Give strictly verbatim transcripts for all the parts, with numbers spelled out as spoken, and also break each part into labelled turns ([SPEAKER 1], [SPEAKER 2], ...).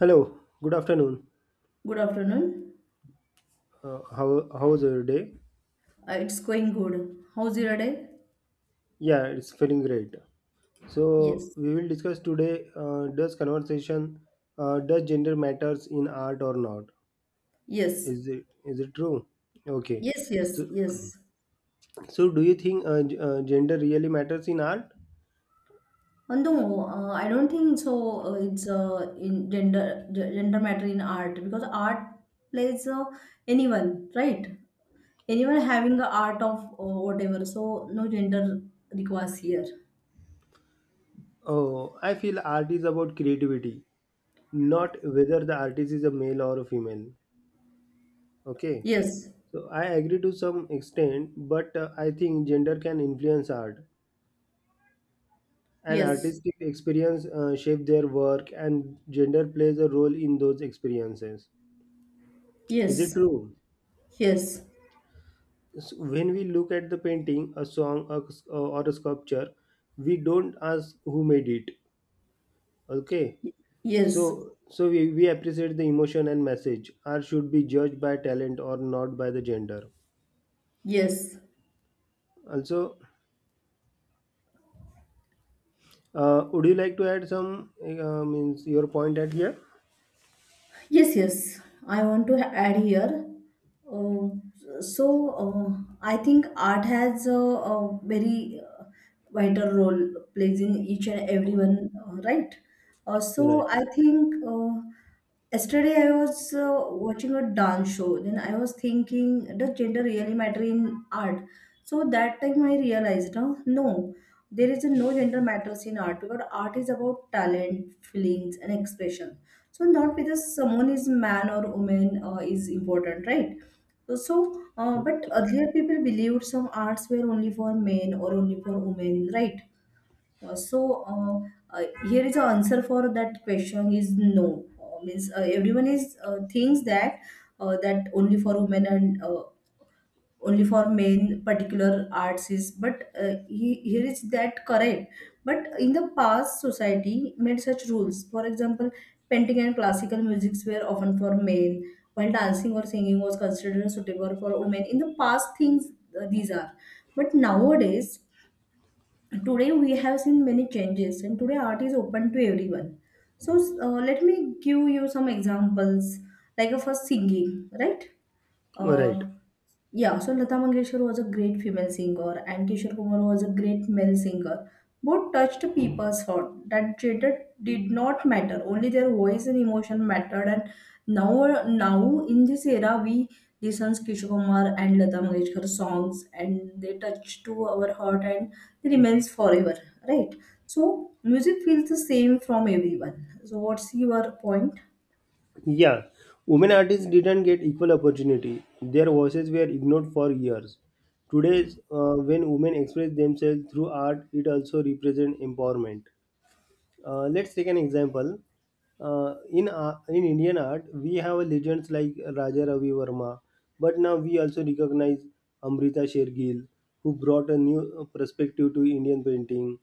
[SPEAKER 1] Hello, good afternoon.
[SPEAKER 2] Good afternoon.
[SPEAKER 1] Uh, how how's your day?
[SPEAKER 2] Uh, it's going good. How's your day?
[SPEAKER 1] Yeah, it's feeling great. So
[SPEAKER 2] Yes.
[SPEAKER 1] we will discuss today. Uh, does conversation, uh, does gender matters in art or not?
[SPEAKER 2] Yes.
[SPEAKER 1] Is it is it true? Okay.
[SPEAKER 2] Yes, yes,
[SPEAKER 1] So,
[SPEAKER 2] yes.
[SPEAKER 1] so do you think uh, g- uh, gender really matters in art?
[SPEAKER 2] Uh, no, uh, I don't think so. Uh, it's uh, in gender ge- gender matter in art because art plays uh, anyone, right? Anyone having the art of uh, whatever. So no gender requires here.
[SPEAKER 1] Oh, I feel art is about creativity, not whether the artist is a male or a female. Okay.
[SPEAKER 2] Yes.
[SPEAKER 1] So I agree to some extent, but uh, I think gender can influence art and
[SPEAKER 2] Yes.
[SPEAKER 1] artistic experience, uh, shape their work and gender plays a role in those experiences. Is it
[SPEAKER 2] Yes.
[SPEAKER 1] true?
[SPEAKER 2] Yes.
[SPEAKER 1] S- when we look at the painting, a song, a s- uh, or a sculpture, we don't ask who made it. Okay.
[SPEAKER 2] Yes.
[SPEAKER 1] So so we, we appreciate the emotion and message. Art should be judged by talent or not by the gender
[SPEAKER 2] Yes.
[SPEAKER 1] also. Uh, would you like to add some uh, means your point at here?
[SPEAKER 2] Yes, yes. I want to add here. Uh, so uh, I think art has a, a very uh, vital role plays in each and everyone, uh, right? Uh,
[SPEAKER 1] You're right.
[SPEAKER 2] so I think uh, yesterday I was uh, watching a dance show. Then I was thinking, does gender really matter in art? So that time I realized, no, no, there is no gender matters in art because art is about talent, feelings, and expression, so not whether someone is man or woman uh, is important, right. So uh, but earlier people believed some arts were only for men or only for women, right. Uh, so uh, uh, here is the answer for that question is no. Uh, means uh, everyone is uh, thinks that uh, that only for women and uh, only for main particular arts is, but uh, he, here is that correct, but in the past society made such rules. For example, painting and classical musics were often for men, while dancing or singing was considered suitable for women in the past things. Uh, these are, but nowadays today we have seen many changes and today art is open to everyone. So uh, let me give you some examples, like uh, first singing, right.
[SPEAKER 1] All right.
[SPEAKER 2] uh, yeah, so Lata Mangeshkar was a great female singer and Kishore Kumar was a great male singer. Both touched people's heart. That gender did not matter. Only their voice and emotion mattered. And now, now in this era, we listen to Kishore Kumar and Lata Mangeshkar songs, and they touch to our heart, and they remains forever. Right. So music feels the same from everyone. So what's your point?
[SPEAKER 1] Yeah, women artists didn't get equal opportunity. Their voices were ignored for years. Today, uh, when women express themselves through art, it also represents empowerment. Uh, let's take an example. Uh, in ar- in Indian art, we have legends like Raja Ravi Verma, but now we also recognize Amrita Shergill, who brought a new perspective to Indian painting.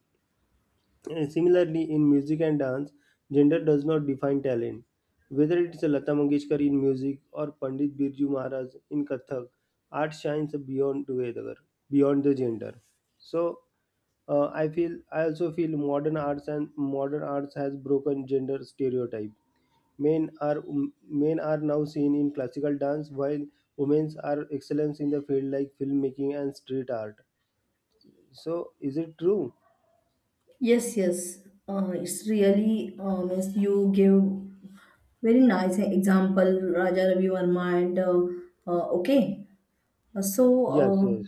[SPEAKER 1] Uh, Similarly, in music and dance, gender does not define talent. Whether it is Lata Mangeshkar in music or Pandit Birju Maharaj in Kathak, art shines beyond together, beyond the gender. So, uh, I feel I also feel modern arts and modern arts has broken gender stereotype. Men are um, men are now seen in classical dance, while women are excellence in the field like filmmaking and street art. So, is it true?
[SPEAKER 2] Yes, yes. Uh, it's really uh, means you give very nice example Raja Ravi Verma, and uh, uh, okay. Uh, So,
[SPEAKER 1] Yes,
[SPEAKER 2] uh,
[SPEAKER 1] yes,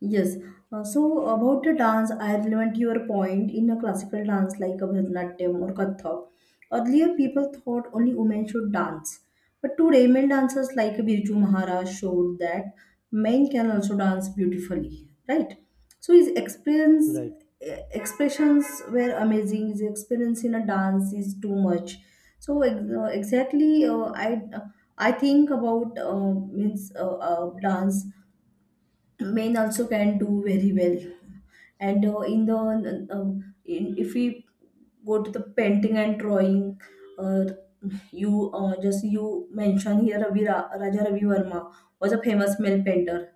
[SPEAKER 2] yes. Uh, so about the dance, I relevant your point in a classical dance like a Bharatanatyam or Kathak. Earlier, people thought only women should dance, but today, male dancers like Birju Maharaj showed that men can also dance beautifully, right? So his experience,
[SPEAKER 1] right,
[SPEAKER 2] eh, expressions were amazing. His experience in a dance is too much. So ex- uh, exactly, uh, I. I think about uh, means uh, uh, dance men also can do very well, and uh, in the um, in, if we go to the painting and drawing, uh, you uh, just you mentioned here Ravi Ra- Raja Ravi Verma was a famous male painter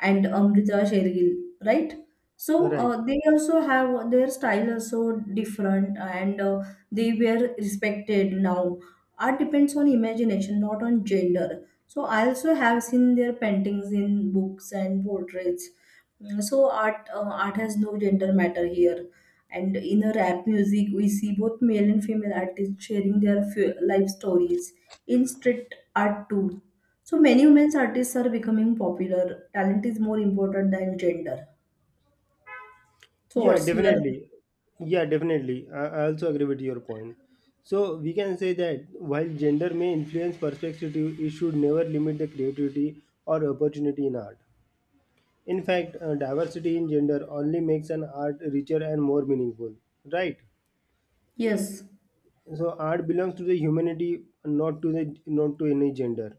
[SPEAKER 2] and Amrita Shergill, right? So
[SPEAKER 1] right.
[SPEAKER 2] uh, they also have their style also different, and uh, they were respected now. Art depends on imagination, not on gender. So I also have seen their paintings in books and portraits. Mm, So art uh, art has no gender matter here, and in a rap music we see both male and female artists sharing their f- life stories in street art too. So many women's artists are becoming popular. Talent is more important than gender. So
[SPEAKER 1] Yeah,
[SPEAKER 2] what's your...
[SPEAKER 1] definitely. Yeah, definitely. I, I also agree with your point. So we can say that while gender may influence perspective, it should never limit the creativity or opportunity in art. In fact, uh, diversity in gender only makes an art richer and more meaningful, right?
[SPEAKER 2] Yes,
[SPEAKER 1] So art belongs to the humanity, not to the not to any gender.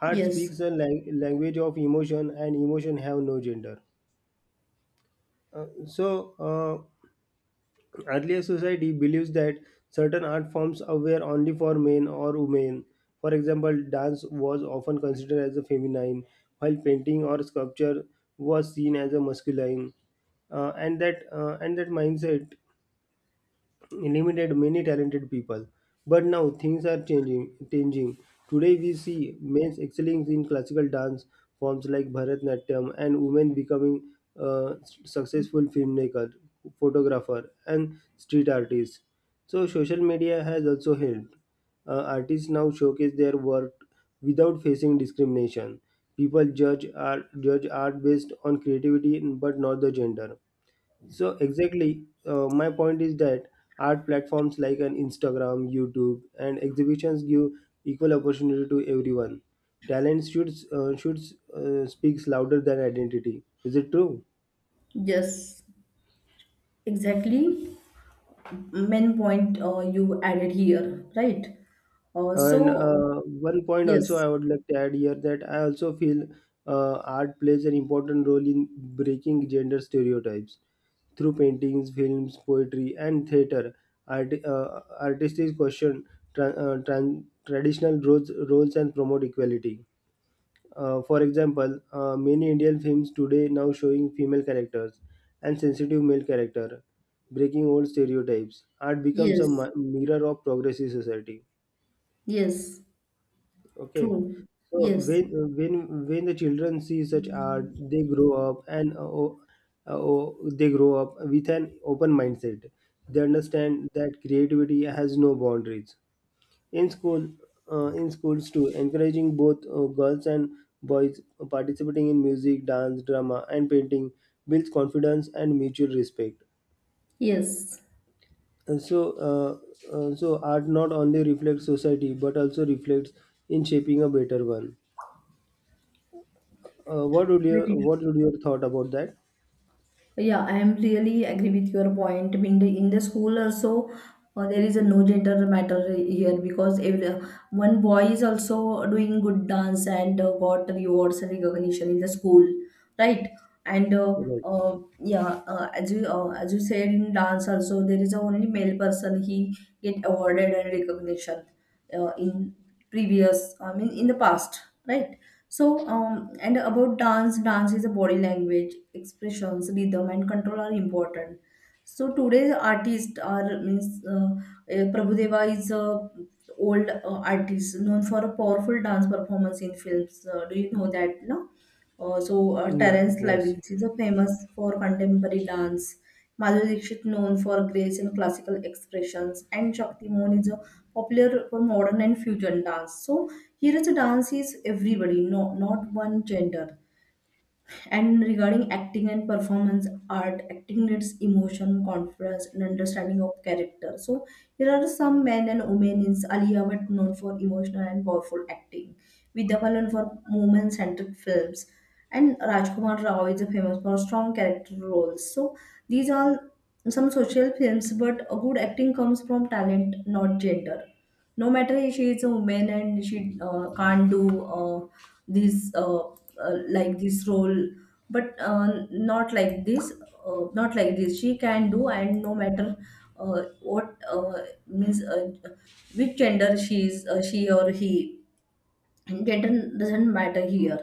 [SPEAKER 1] Art
[SPEAKER 2] yes,
[SPEAKER 1] speaks a lang- language of emotion, and emotion have no gender. Uh, so. Uh, Earlier society believes that certain art forms were only for men or women. For example, dance was often considered as a feminine, while painting or sculpture was seen as a masculine. Uh, and that uh, and that mindset limited many talented people. But now things are changing. Changing today, we see men excelling in classical dance forms like Bharatnatyam, and women becoming uh, successful filmmaker, photographer, and street artists. So social media has also helped. Uh, artists now showcase their work without facing discrimination. People judge art, judge art based on creativity, but not the gender. So exactly, uh, my point is that art platforms like an Instagram, YouTube, and exhibitions give equal opportunity to everyone. Talent should uh, should uh, speaks louder than identity. Is it true?
[SPEAKER 2] yes, exactly. Main point uh, you added here, right? Uh,
[SPEAKER 1] And
[SPEAKER 2] so
[SPEAKER 1] uh, one point also
[SPEAKER 2] Yes.
[SPEAKER 1] I would like to add here that I also feel uh, art plays an important role in breaking gender stereotypes through paintings, films, poetry, and theater. Art, uh, artists question tra- uh, tran- traditional roles, roles and promote equality. Uh, for example, uh, many Indian films today now showing female characters and sensitive male character, breaking old stereotypes. Art becomes a
[SPEAKER 2] Yes.
[SPEAKER 1] mi- mirror of progressive society.
[SPEAKER 2] Yes.
[SPEAKER 1] Okay.
[SPEAKER 2] True.
[SPEAKER 1] So
[SPEAKER 2] Yes.
[SPEAKER 1] when when when the children see such art, they grow up and uh, oh, uh, oh, they grow up with an open mindset. They understand that creativity has no boundaries. In school, uh, in schools too, encouraging both uh, girls and boys uh, participating in music, dance, drama, and painting builds confidence and mutual respect.
[SPEAKER 2] Yes.
[SPEAKER 1] And so, uh, uh, so art not only reflects society but also reflects in shaping a better one. Uh, what would you
[SPEAKER 2] Very true.
[SPEAKER 1] what would your thought about that?
[SPEAKER 2] Yeah, I am really agree with your point. I mean, the, in the school also, uh, there is a no gender matter here because every, one boy is also doing good dance and uh, got rewards and recognition in the school, right? And uh,
[SPEAKER 1] Right.
[SPEAKER 2] uh, yeah, uh, as you uh, as you said in dance also, there is a only male person he get awarded and recognition uh, in previous, I mean, in the past, right? So, um, and about dance, dance is a body language, expressions, rhythm, and control are important. So today's artists are means uh, uh, Prabhudeva is a old uh, artist known for a powerful dance performance in films. Uh, do you know that? No. Uh, so uh,
[SPEAKER 1] No,
[SPEAKER 2] Terence
[SPEAKER 1] yes.
[SPEAKER 2] Lawrence is a famous for contemporary dance. Madhuri Dixit known for grace and classical expressions, and Shakti Mohan is a popular for modern and fusion dance. So here also dance is everybody, no, not one gender. And regarding acting and performance art, acting needs emotion, confidence, and understanding of character. So here are some men and women in Aliya, but known for emotional and powerful acting. Vidya Balan for moment-centric films. And Rajkumar Rao is famous for strong character roles. So these are some social films, but a good acting comes from talent, not gender. No matter if she is a woman and she uh, can't do uh, this uh, uh, like this role, but uh, not like this, uh, not like this she can do, and no matter uh, what uh, means uh, which gender she is, uh, she or he, gender doesn't matter here.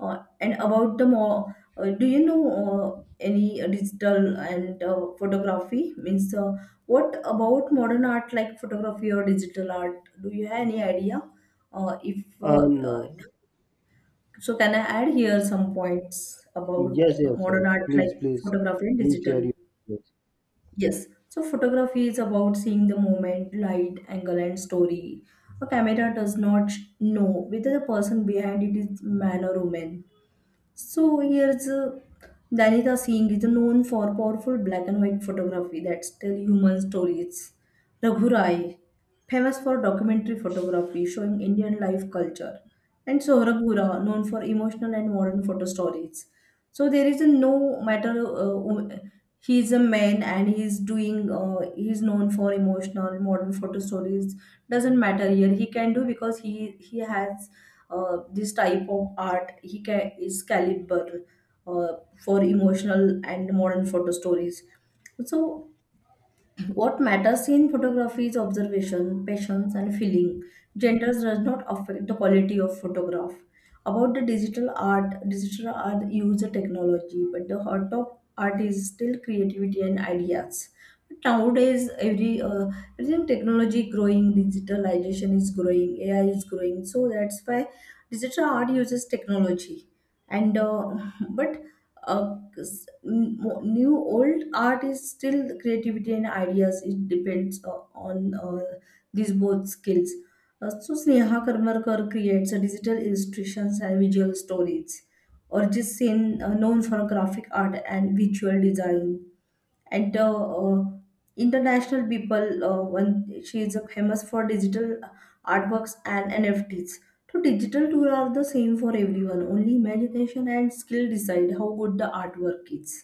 [SPEAKER 2] uh, And about the more, uh, do you know uh, any uh, digital and uh, photography means uh, what about modern art like photography or digital art, do you have any idea? Uh, if
[SPEAKER 1] Uh,
[SPEAKER 2] uh,
[SPEAKER 1] no.
[SPEAKER 2] So can I add here some points about
[SPEAKER 1] Yes, yes, yes.
[SPEAKER 2] modern art
[SPEAKER 1] Please,
[SPEAKER 2] like
[SPEAKER 1] please,
[SPEAKER 2] photography and
[SPEAKER 1] do share
[SPEAKER 2] digital?
[SPEAKER 1] your thoughts.
[SPEAKER 2] Yes. So photography is about seeing the moment, light, angle, and story. A camera does not know whether the person behind it is man or woman. So here's uh, Danita Singh is known for powerful black and white photography that tell human stories. Raghu Rai, famous for documentary photography showing Indian life culture. And Sohrab Hura, known for emotional and modern photo stories. So there is a no matter uh, who- he is a man and he is doing uh, he is known for emotional modern photo stories, doesn't matter here, he can do because he he has uh, this type of art he ca- is caliber uh, for emotional and modern photo stories. So what matters in photography is observation, passions, and feeling. Gender does not affect the quality of photograph. About the digital art, digital art uses technology, but the heart of art is still creativity and ideas. But nowadays, every uh, everything technology growing, digitalization is growing, A I is growing. So that's why digital art uses technology, and uh, but uh, 'cause n- mo- new old art is still the creativity and ideas. It depends uh, on uh, these both skills. Uh, so Sneha Karmarkar creates uh, digital illustrations and visual stories. Or just seen uh, known for graphic art and visual design, and the uh, international people uh, when she is famous for digital uh, artworks and N F Ts. So digital tool are the same for everyone, only imagination and skill decide how good the artwork is.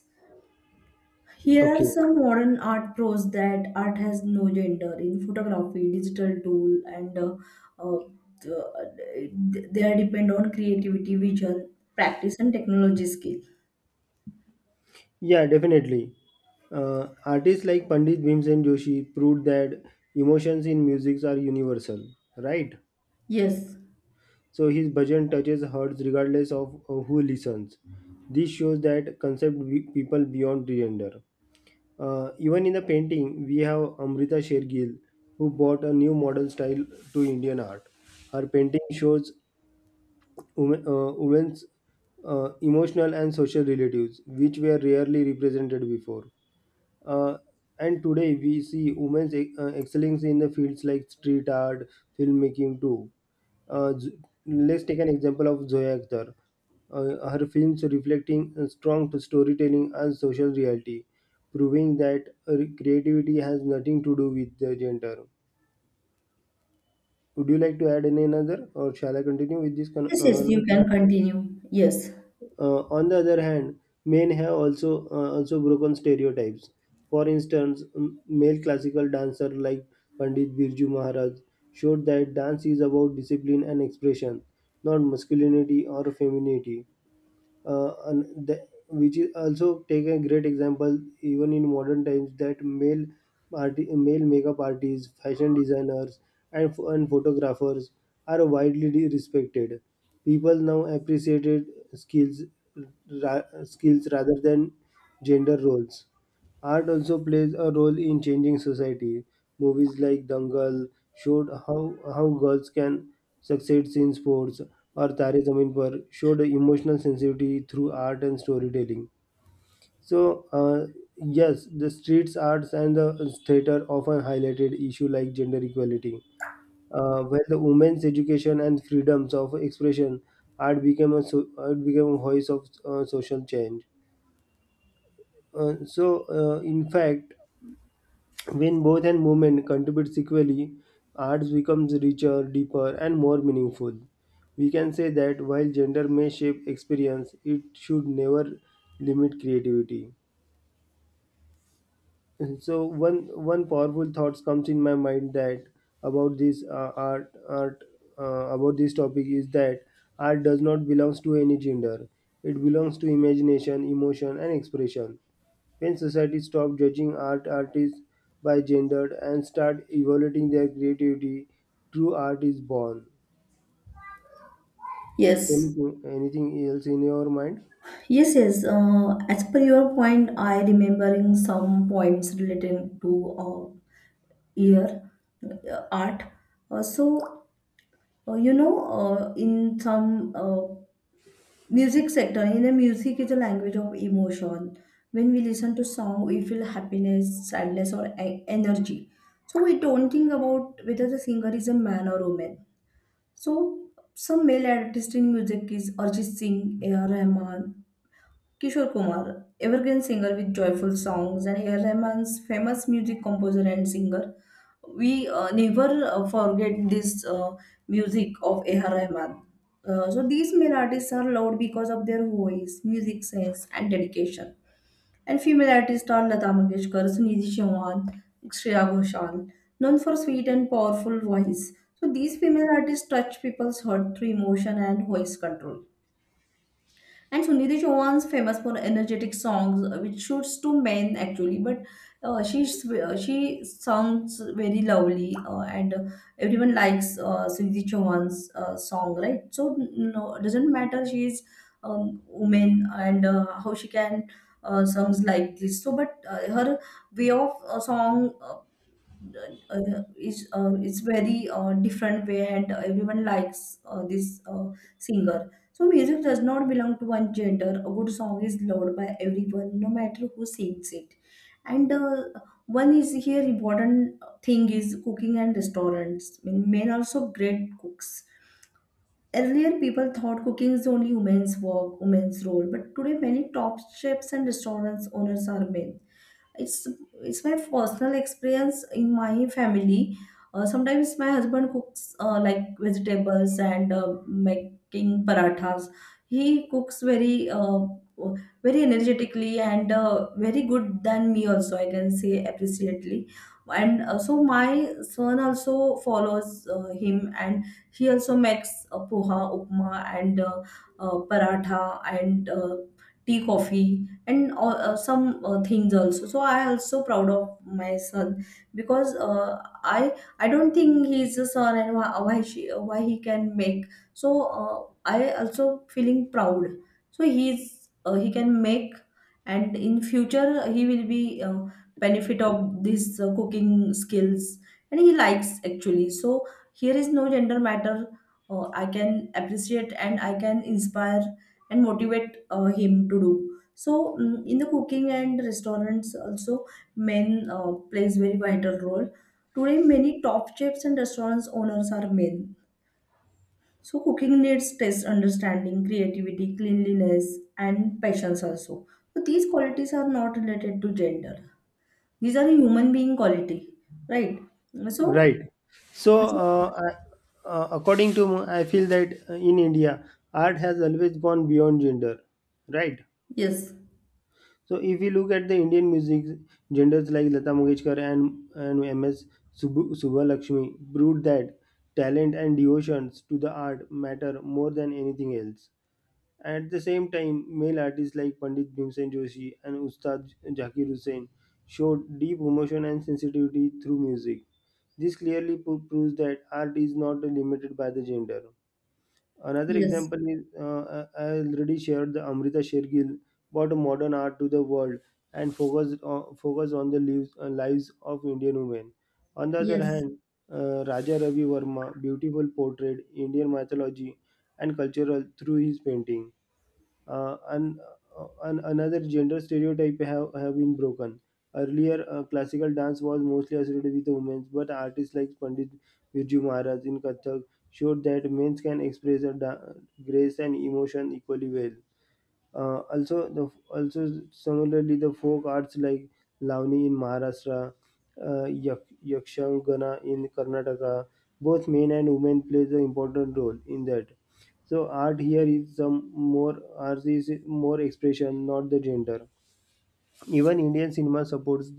[SPEAKER 2] Here are
[SPEAKER 1] Okay.
[SPEAKER 2] some modern art pros that art has no gender in photography, digital tool, and uh, uh, th- they are depend on creativity, vision, practice and technology skill.
[SPEAKER 1] Yeah, definitely. Uh, artists like Pandit Bhimsen Joshi proved that emotions in music are universal, right?
[SPEAKER 2] Yes,
[SPEAKER 1] So his bhajan touches hearts regardless of uh, who listens. This shows that concept be- people beyond gender. Uh, even in the painting, we have Amrita Shergill, who brought a new modern style to Indian art. Her painting shows women, uh, women's uh, emotional and social relatives, which were rarely represented before. Uh, and today we see women's e- uh, excellence in the fields like street art, filmmaking too. Uh, Z- let's take an example of Zoya Akhtar. Uh, her films reflecting a strong storytelling and social reality, proving that uh, creativity has nothing to do with the gender. Would you like to add any another, or shall I continue with this con-
[SPEAKER 2] yes, yes,
[SPEAKER 1] uh,
[SPEAKER 2] you can continue. Yes.
[SPEAKER 1] Uh, on the other hand, men have also uh, also broken stereotypes. For instance, m- male classical dancer like Pandit Birju Maharaj showed that dance is about discipline and expression, not masculinity or femininity. Uh, and the, which is also take a great example even in modern times that male arti- male makeup artists, fashion designers, and ph- and photographers are widely de- respected. People now appreciated skills ra- skills rather than gender roles. Art also plays a role in changing society. Movies like Dangal showed how, how girls can succeed in sports, or Tare Zameen Par showed emotional sensitivity through art and storytelling. So, uh, yes, the streets arts and the theater often highlighted issue like gender equality, uh, where the women's education and freedoms of expression. Art became a so, art became a voice of uh, social change. Uh, so, uh, in fact, when both and movement contributes equally, arts becomes richer, deeper, and more meaningful. We can say that while gender may shape experience, it should never limit creativity. And so one one powerful thoughts comes in my mind that about this uh, art art uh, about this topic is that art does not belongs to any gender. It belongs to imagination, emotion, and expression. When society stop judging art artists by gender and start evaluating their creativity, true art is born. So
[SPEAKER 2] Yes.
[SPEAKER 1] anything, anything else in your mind?
[SPEAKER 2] Yes, yes. Uh, as per your point, I remembering some points relating to uh, ear uh, art. Uh, so uh, you know, uh, in some uh, music sector, in the music is a language of emotion. When we listen to song, we feel happiness, sadness, or e- energy. So we don't think about whether the singer is a man or woman. So some male artist in music is Arjit Singh, A R. Rahman, Kishore Kumar, evergreen singer with joyful songs, and A R Rahman's famous music composer and singer. We uh, never uh, forget this uh, music of A R Rahman. Uh, so these male artists are loved because of their voice, music sense, and dedication. And female artists are Lata Mangeshkar, Sunidhi Chauhan, Shreya Ghoshal, known for sweet and powerful voice. So these female artists touch people's heart through emotion and voice control. And Sunidhi Chauhan's famous for energetic songs, uh, which suits to men actually, but uh, she s- uh, she sounds very lovely, uh, and uh, everyone likes uh, Sunidhi Chauhan's uh, song, right? So no, doesn't matter she is um, woman, and uh, how she can uh, songs like this. So, but uh, her way of uh, song. Uh, uh, uh, is uh, it's very uh, different way, and everyone likes uh, this uh, singer. So music does not belong to one gender. A good song is loved by everyone no matter who sings it. And uh, one is here important thing is cooking and restaurants, I mean, men also great cooks. Earlier, people thought cooking is only women's work, women's role, but today many top chefs and restaurants owners are men. It's it's my personal experience in my family. Uh, sometimes my husband cooks uh, like vegetables and uh, making parathas. He cooks very uh, very energetically, and uh, very good than me also, I can say appreciately. And uh, so my son also follows uh, him, and he also makes uh, poha, upma, and uh, uh, paratha, and uh, tea, coffee and all, uh, some uh, things also. So I also proud of my son, because uh, i i don't think he's a son and why, why she why he can make. So uh, I also feeling proud. So he's uh, he can make, and in future he will be uh, benefit of these uh, cooking skills, and he likes actually. So here is no gender matter. uh, I can appreciate, and I can inspire and motivate uh, him to do. So mm, in the cooking and restaurants also, men uh, plays very vital role. Today many top chefs and restaurants owners are men. So cooking needs taste understanding, creativity, cleanliness and patience also. So these qualities are not related to gender. These are human being quality, right? So,
[SPEAKER 1] Right. So,
[SPEAKER 2] so,
[SPEAKER 1] uh, I- uh, according to me, I feel that uh, in India, art has always gone beyond gender. Right.
[SPEAKER 2] yes,
[SPEAKER 1] So, if you look at the Indian music, genders like Lata Mangeshkar and and M S. Subbu- Subbulakshmi proved that talent and devotions to the art matter more than anything else. At the same time, male artists like Pandit Bhimsen Joshi and Ustad Zakir Hussain showed deep emotion and sensitivity through music. This clearly pro- proves that art is not limited by the gender. Another
[SPEAKER 2] yes,
[SPEAKER 1] example is uh, I I already shared the Amrita Shergill brought modern art to the world and focused on, focused on the lives, uh, lives of Indian women. On the other
[SPEAKER 2] yes,
[SPEAKER 1] hand, uh, Raja Ravi Verma beautiful portrayed Indian mythology and cultural through his painting. uh, and, uh, and another gender stereotype have, have been broken. Earlier, uh, classical dance was mostly associated with women, but artists like Pandit Birju Maharaj in Kathak showed that men can express their da- grace and emotion equally well. Uh, also, the also similarly the folk arts like Lavani in Maharashtra, uh, Yak- Yakshagana in Karnataka, both men and women play the important role in that. So art here is some more art is more expression, not the gender. Even Indian cinema supports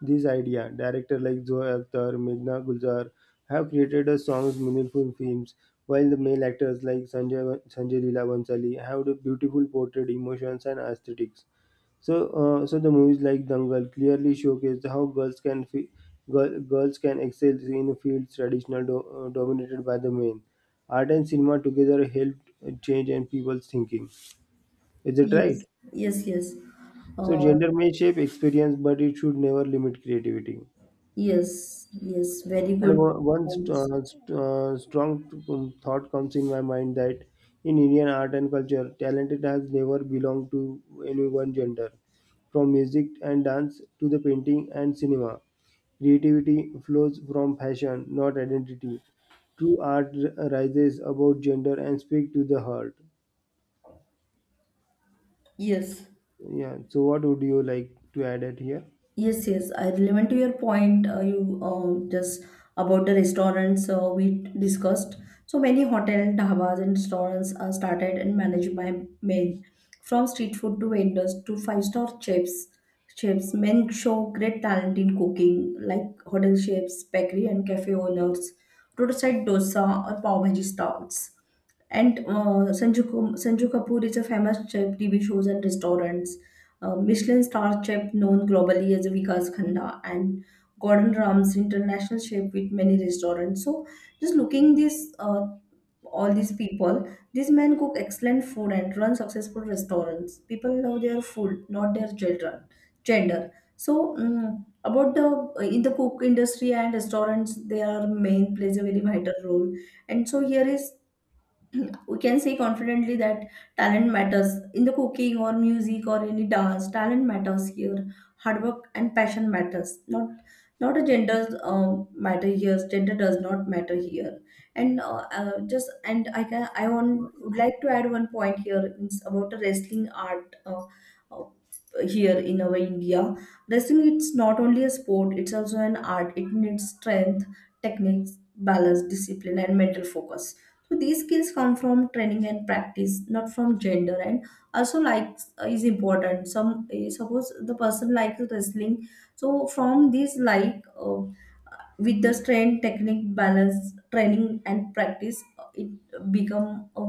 [SPEAKER 1] this idea. Directors like Zoe Akhtar, Meghna Gulzar have created a songs meaningful films, while the male actors like Sanjay Sanjay Leela Bansali have the beautiful portrait emotions and aesthetics. So, uh, so the movies like Dangal clearly showcase how girls can fi- girl, girls can excel in fields traditional do, uh, dominated by the men. Art and cinema together helped uh, change and people's thinking. Is it right?
[SPEAKER 2] yes, yes, yes.
[SPEAKER 1] So
[SPEAKER 2] Uh,
[SPEAKER 1] gender may shape experience, but it should never limit creativity.
[SPEAKER 2] yes, yes, very
[SPEAKER 1] And
[SPEAKER 2] good
[SPEAKER 1] o- one st-
[SPEAKER 2] points.
[SPEAKER 1] uh, st- uh, strong um, thought comes in my mind that in Indian art and culture, talented has never belonged to any one gender. From music and dance to the painting and cinema, creativity flows from passion, not identity. True art r- rises above gender and speaks to the heart.
[SPEAKER 2] Yes.
[SPEAKER 1] Yeah. So, what would you like to add it here?
[SPEAKER 2] Yes, yes, I relevant to your point. Uh, you uh, just about the restaurants uh, we discussed. So many hotel, dhabas, and restaurants are started and managed by men, from street food to vendors to five star chefs. Chefs, men show great talent in cooking, like hotel chefs, bakery and cafe owners, roadside dosa or pav bhaji stalls. And uh, Sanju, Kum- Sanju Kapoor is a famous chef, T V shows and restaurants. Uh, Michelin star chef known globally as Vikas Khanda, and Gordon Ramsay international chef with many restaurants. So just looking this, uh, all these people, these men cook excellent food and run successful restaurants. People love their food, not their children gender. So mm about the uh, in the cook industry and restaurants, their main plays a very vital role. And so here is, we can say confidently that talent matters in the cooking or music or any dance. Talent matters here. Hard work and passion matters, not not a gender um, matter here. Gender does not matter here. And uh, uh, just and I can I want would like to add one point here. It's about the wrestling art uh, here in our India. Wrestling, it's not only a sport, it's also an art. It needs strength, techniques, balance, discipline, and mental focus. So these skills come from training and practice, not from gender. And also, like is important. Some eh, suppose the person likes wrestling, so from this like. Uh, with the strength, technique, balance, training and practice, uh, it become a,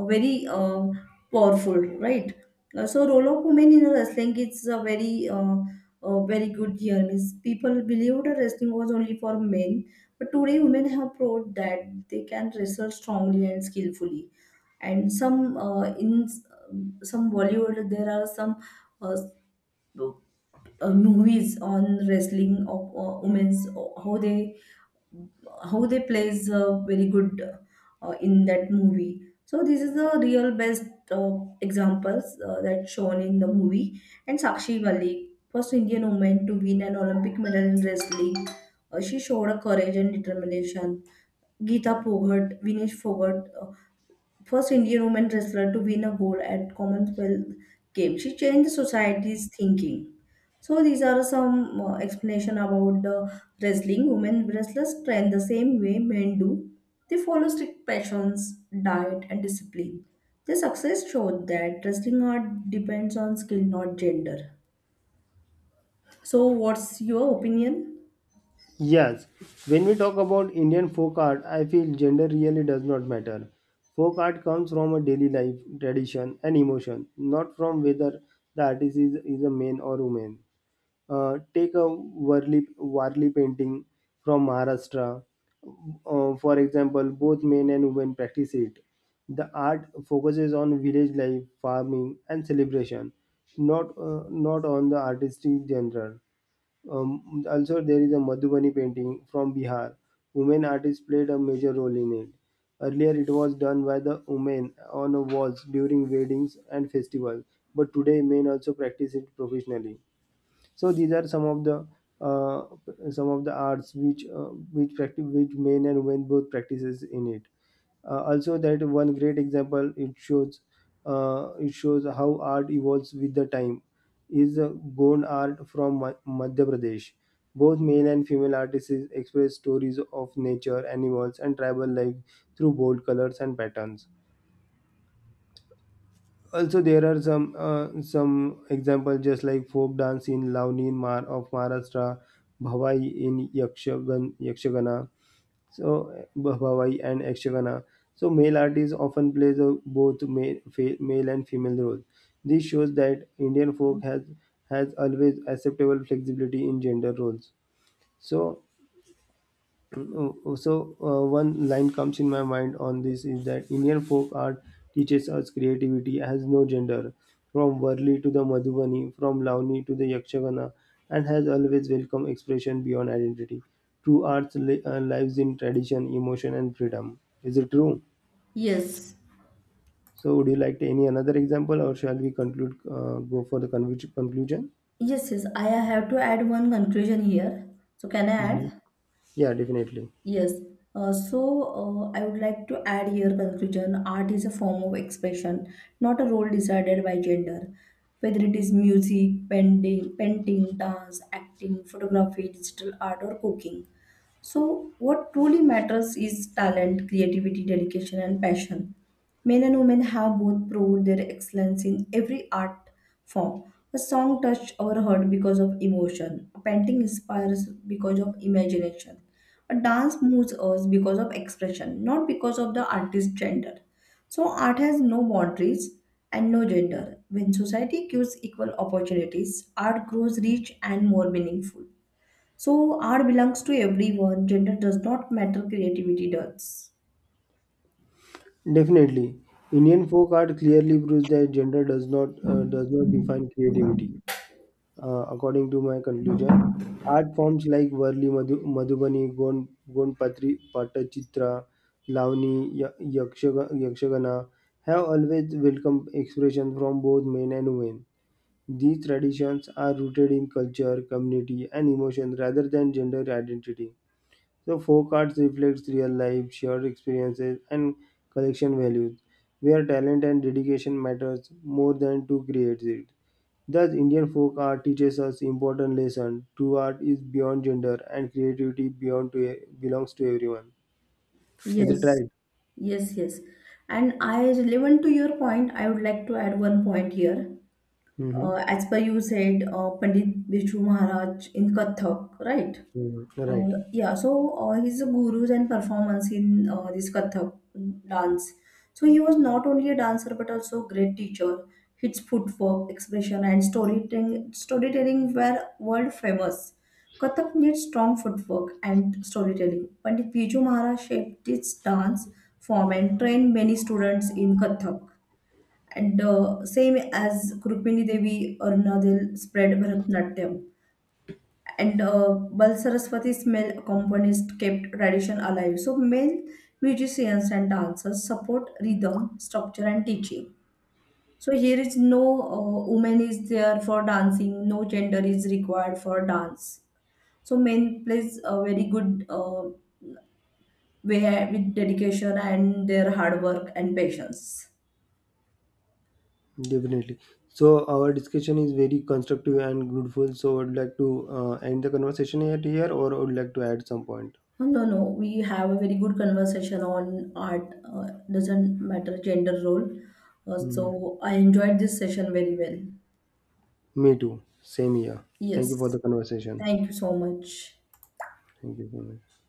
[SPEAKER 2] a very uh, powerful, right? Uh, So role of women in wrestling is a very uh, uh, very good here. Means people believed that wrestling was only for men, but today women have proved that they can wrestle strongly and skillfully. And some, uh, in s- some Bollywood, there are some uh, uh, movies on wrestling of uh, women's, uh, how they how they plays uh, very good uh, in that movie. So this is the real best uh, examples uh, that shown in the movie. And Sakshi Malik, first Indian woman to win an Olympic medal in wrestling. Uh, she showed a courage and determination. Geeta Poghat, Vinesh Fogart, first Indian woman wrestler to win a gold at Commonwealth Games. She changed society's thinking. So these are some uh, explanation about the wrestling. Women wrestlers train the same way men do. They follow strict passions, diet, and discipline. Their success showed that wrestling art depends on skill, not gender. So, what's your opinion?
[SPEAKER 1] Yes, when we talk about Indian folk art, I feel gender really does not matter. Folk art comes from a daily life, tradition, and emotion, not from whether the artist is, is a man or woman. Uh, take a Warli, Warli painting from Maharashtra. Uh, for example, both men and women practice it. The art focuses on village life, farming, and celebration, not, uh, not on the artistic genre. Um, also, there is a Madhubani painting from Bihar. Women artists played a major role in it. Earlier, it was done by the women on a walls during weddings and festivals, but today men also practice it professionally. So these are some of the uh, some of the arts which uh, which practice which men and women both practices in it. Uh, also, that one great example it shows uh, it shows how art evolves with the time is uh, Gond art from Ma- Madhya Pradesh. Both male and female artists express stories of nature, animals, and tribal life through bold colors and patterns. Also there are some uh, some examples just like folk dance in Lavani in Mar of Maharashtra, Bhavai in Yakshagan, Yakshagana, so eh, Bha- Bhavai and Yakshagana. So male artists often plays a, both male, fe, male and female roles. This shows that Indian folk has has always acceptable flexibility in gender roles. So Oh, oh, So uh, one line comes in my mind on this is that Indian folk art teaches us creativity has no gender, from Varli to the Madhubani, from Lavani to the Yakshagana, and has always welcomed expression beyond identity. True arts li- uh, lives in tradition, emotion, and freedom. Is it true?
[SPEAKER 2] Yes.
[SPEAKER 1] So, would you like to any another example, or shall we conclude? Uh, go for the convi- conclusion?
[SPEAKER 2] Yes, yes, I have to add one conclusion here. So, can I
[SPEAKER 1] Mhm.
[SPEAKER 2] add?
[SPEAKER 1] Yeah, definitely.
[SPEAKER 2] Yes. Uh, so uh, I would like to add here conclusion. Art is a form of expression, not a role decided by gender. Whether it is music, painting, painting, dance, acting, photography, digital art, or cooking, so, what truly matters is talent, creativity, dedication, and passion. Men and women have both proved their excellence in every art form. A song touched our heart because of emotion. A painting inspires because of imagination. A dance moves us because of expression, not because of the artist's gender. So, art has no boundaries and no gender. When society gives equal opportunities, art grows rich and more meaningful. So art belongs to everyone. Gender does not matter. Creativity does.
[SPEAKER 1] Definitely, Indian folk art clearly proves that gender does not uh, does not define creativity. Uh, according to my conclusion, art forms like Varli Madhu, Madhubani, Gon, Gonpatri, Patachitra, Lavani, Ya- Yakshaga- Yakshagana have always welcomed expression from both men and women. These traditions are rooted in culture, community, and emotion rather than gender identity. So folk arts reflects real life, shared experiences, and collection values, where talent and dedication matters more than to create it. Thus, Indian folk art teaches us important lesson. True art is beyond gender, and creativity beyond to e, belongs to everyone. Is it
[SPEAKER 2] Yes,
[SPEAKER 1] right?
[SPEAKER 2] yes, yes. And I relevant to your point, I would like to add one point here.
[SPEAKER 1] Mm-hmm.
[SPEAKER 2] Uh, as per you said, uh, Pandit Biju Maharaj in Kathak, right?
[SPEAKER 1] Right.
[SPEAKER 2] Uh, yeah, so uh, he's a gurus and performance in uh, this Kathak dance. So he was not only a dancer but also a great teacher. His footwork, expression, and storytelling storytelling were world famous. Kathak needs strong footwork and storytelling. Pandit Biju Maharaj shaped this dance form and trained many students in Kathak. And uh, same as Rukmini Devi, Arunadel spread Bharatnatyam, and uh, Bal Saraswati male accompanists kept tradition alive. So male musicians and dancers support rhythm, structure, and teaching. So here is no uh, woman is there for dancing, no gender is required for dance. So men plays a very good uh, way with dedication and their hard work and patience.
[SPEAKER 1] Definitely. So our discussion is very constructive and fruitful. So I'd like to uh, end the conversation at here, or I would like to add some point.
[SPEAKER 2] No, no, no, we have a very good conversation on art. Uh, doesn't matter gender role. Uh,
[SPEAKER 1] Mhm.
[SPEAKER 2] so I enjoyed this session very well.
[SPEAKER 1] Me too. Same here. Thank you for the
[SPEAKER 2] Yes.
[SPEAKER 1] conversation.
[SPEAKER 2] Thank you so much.
[SPEAKER 1] Thank you. So much.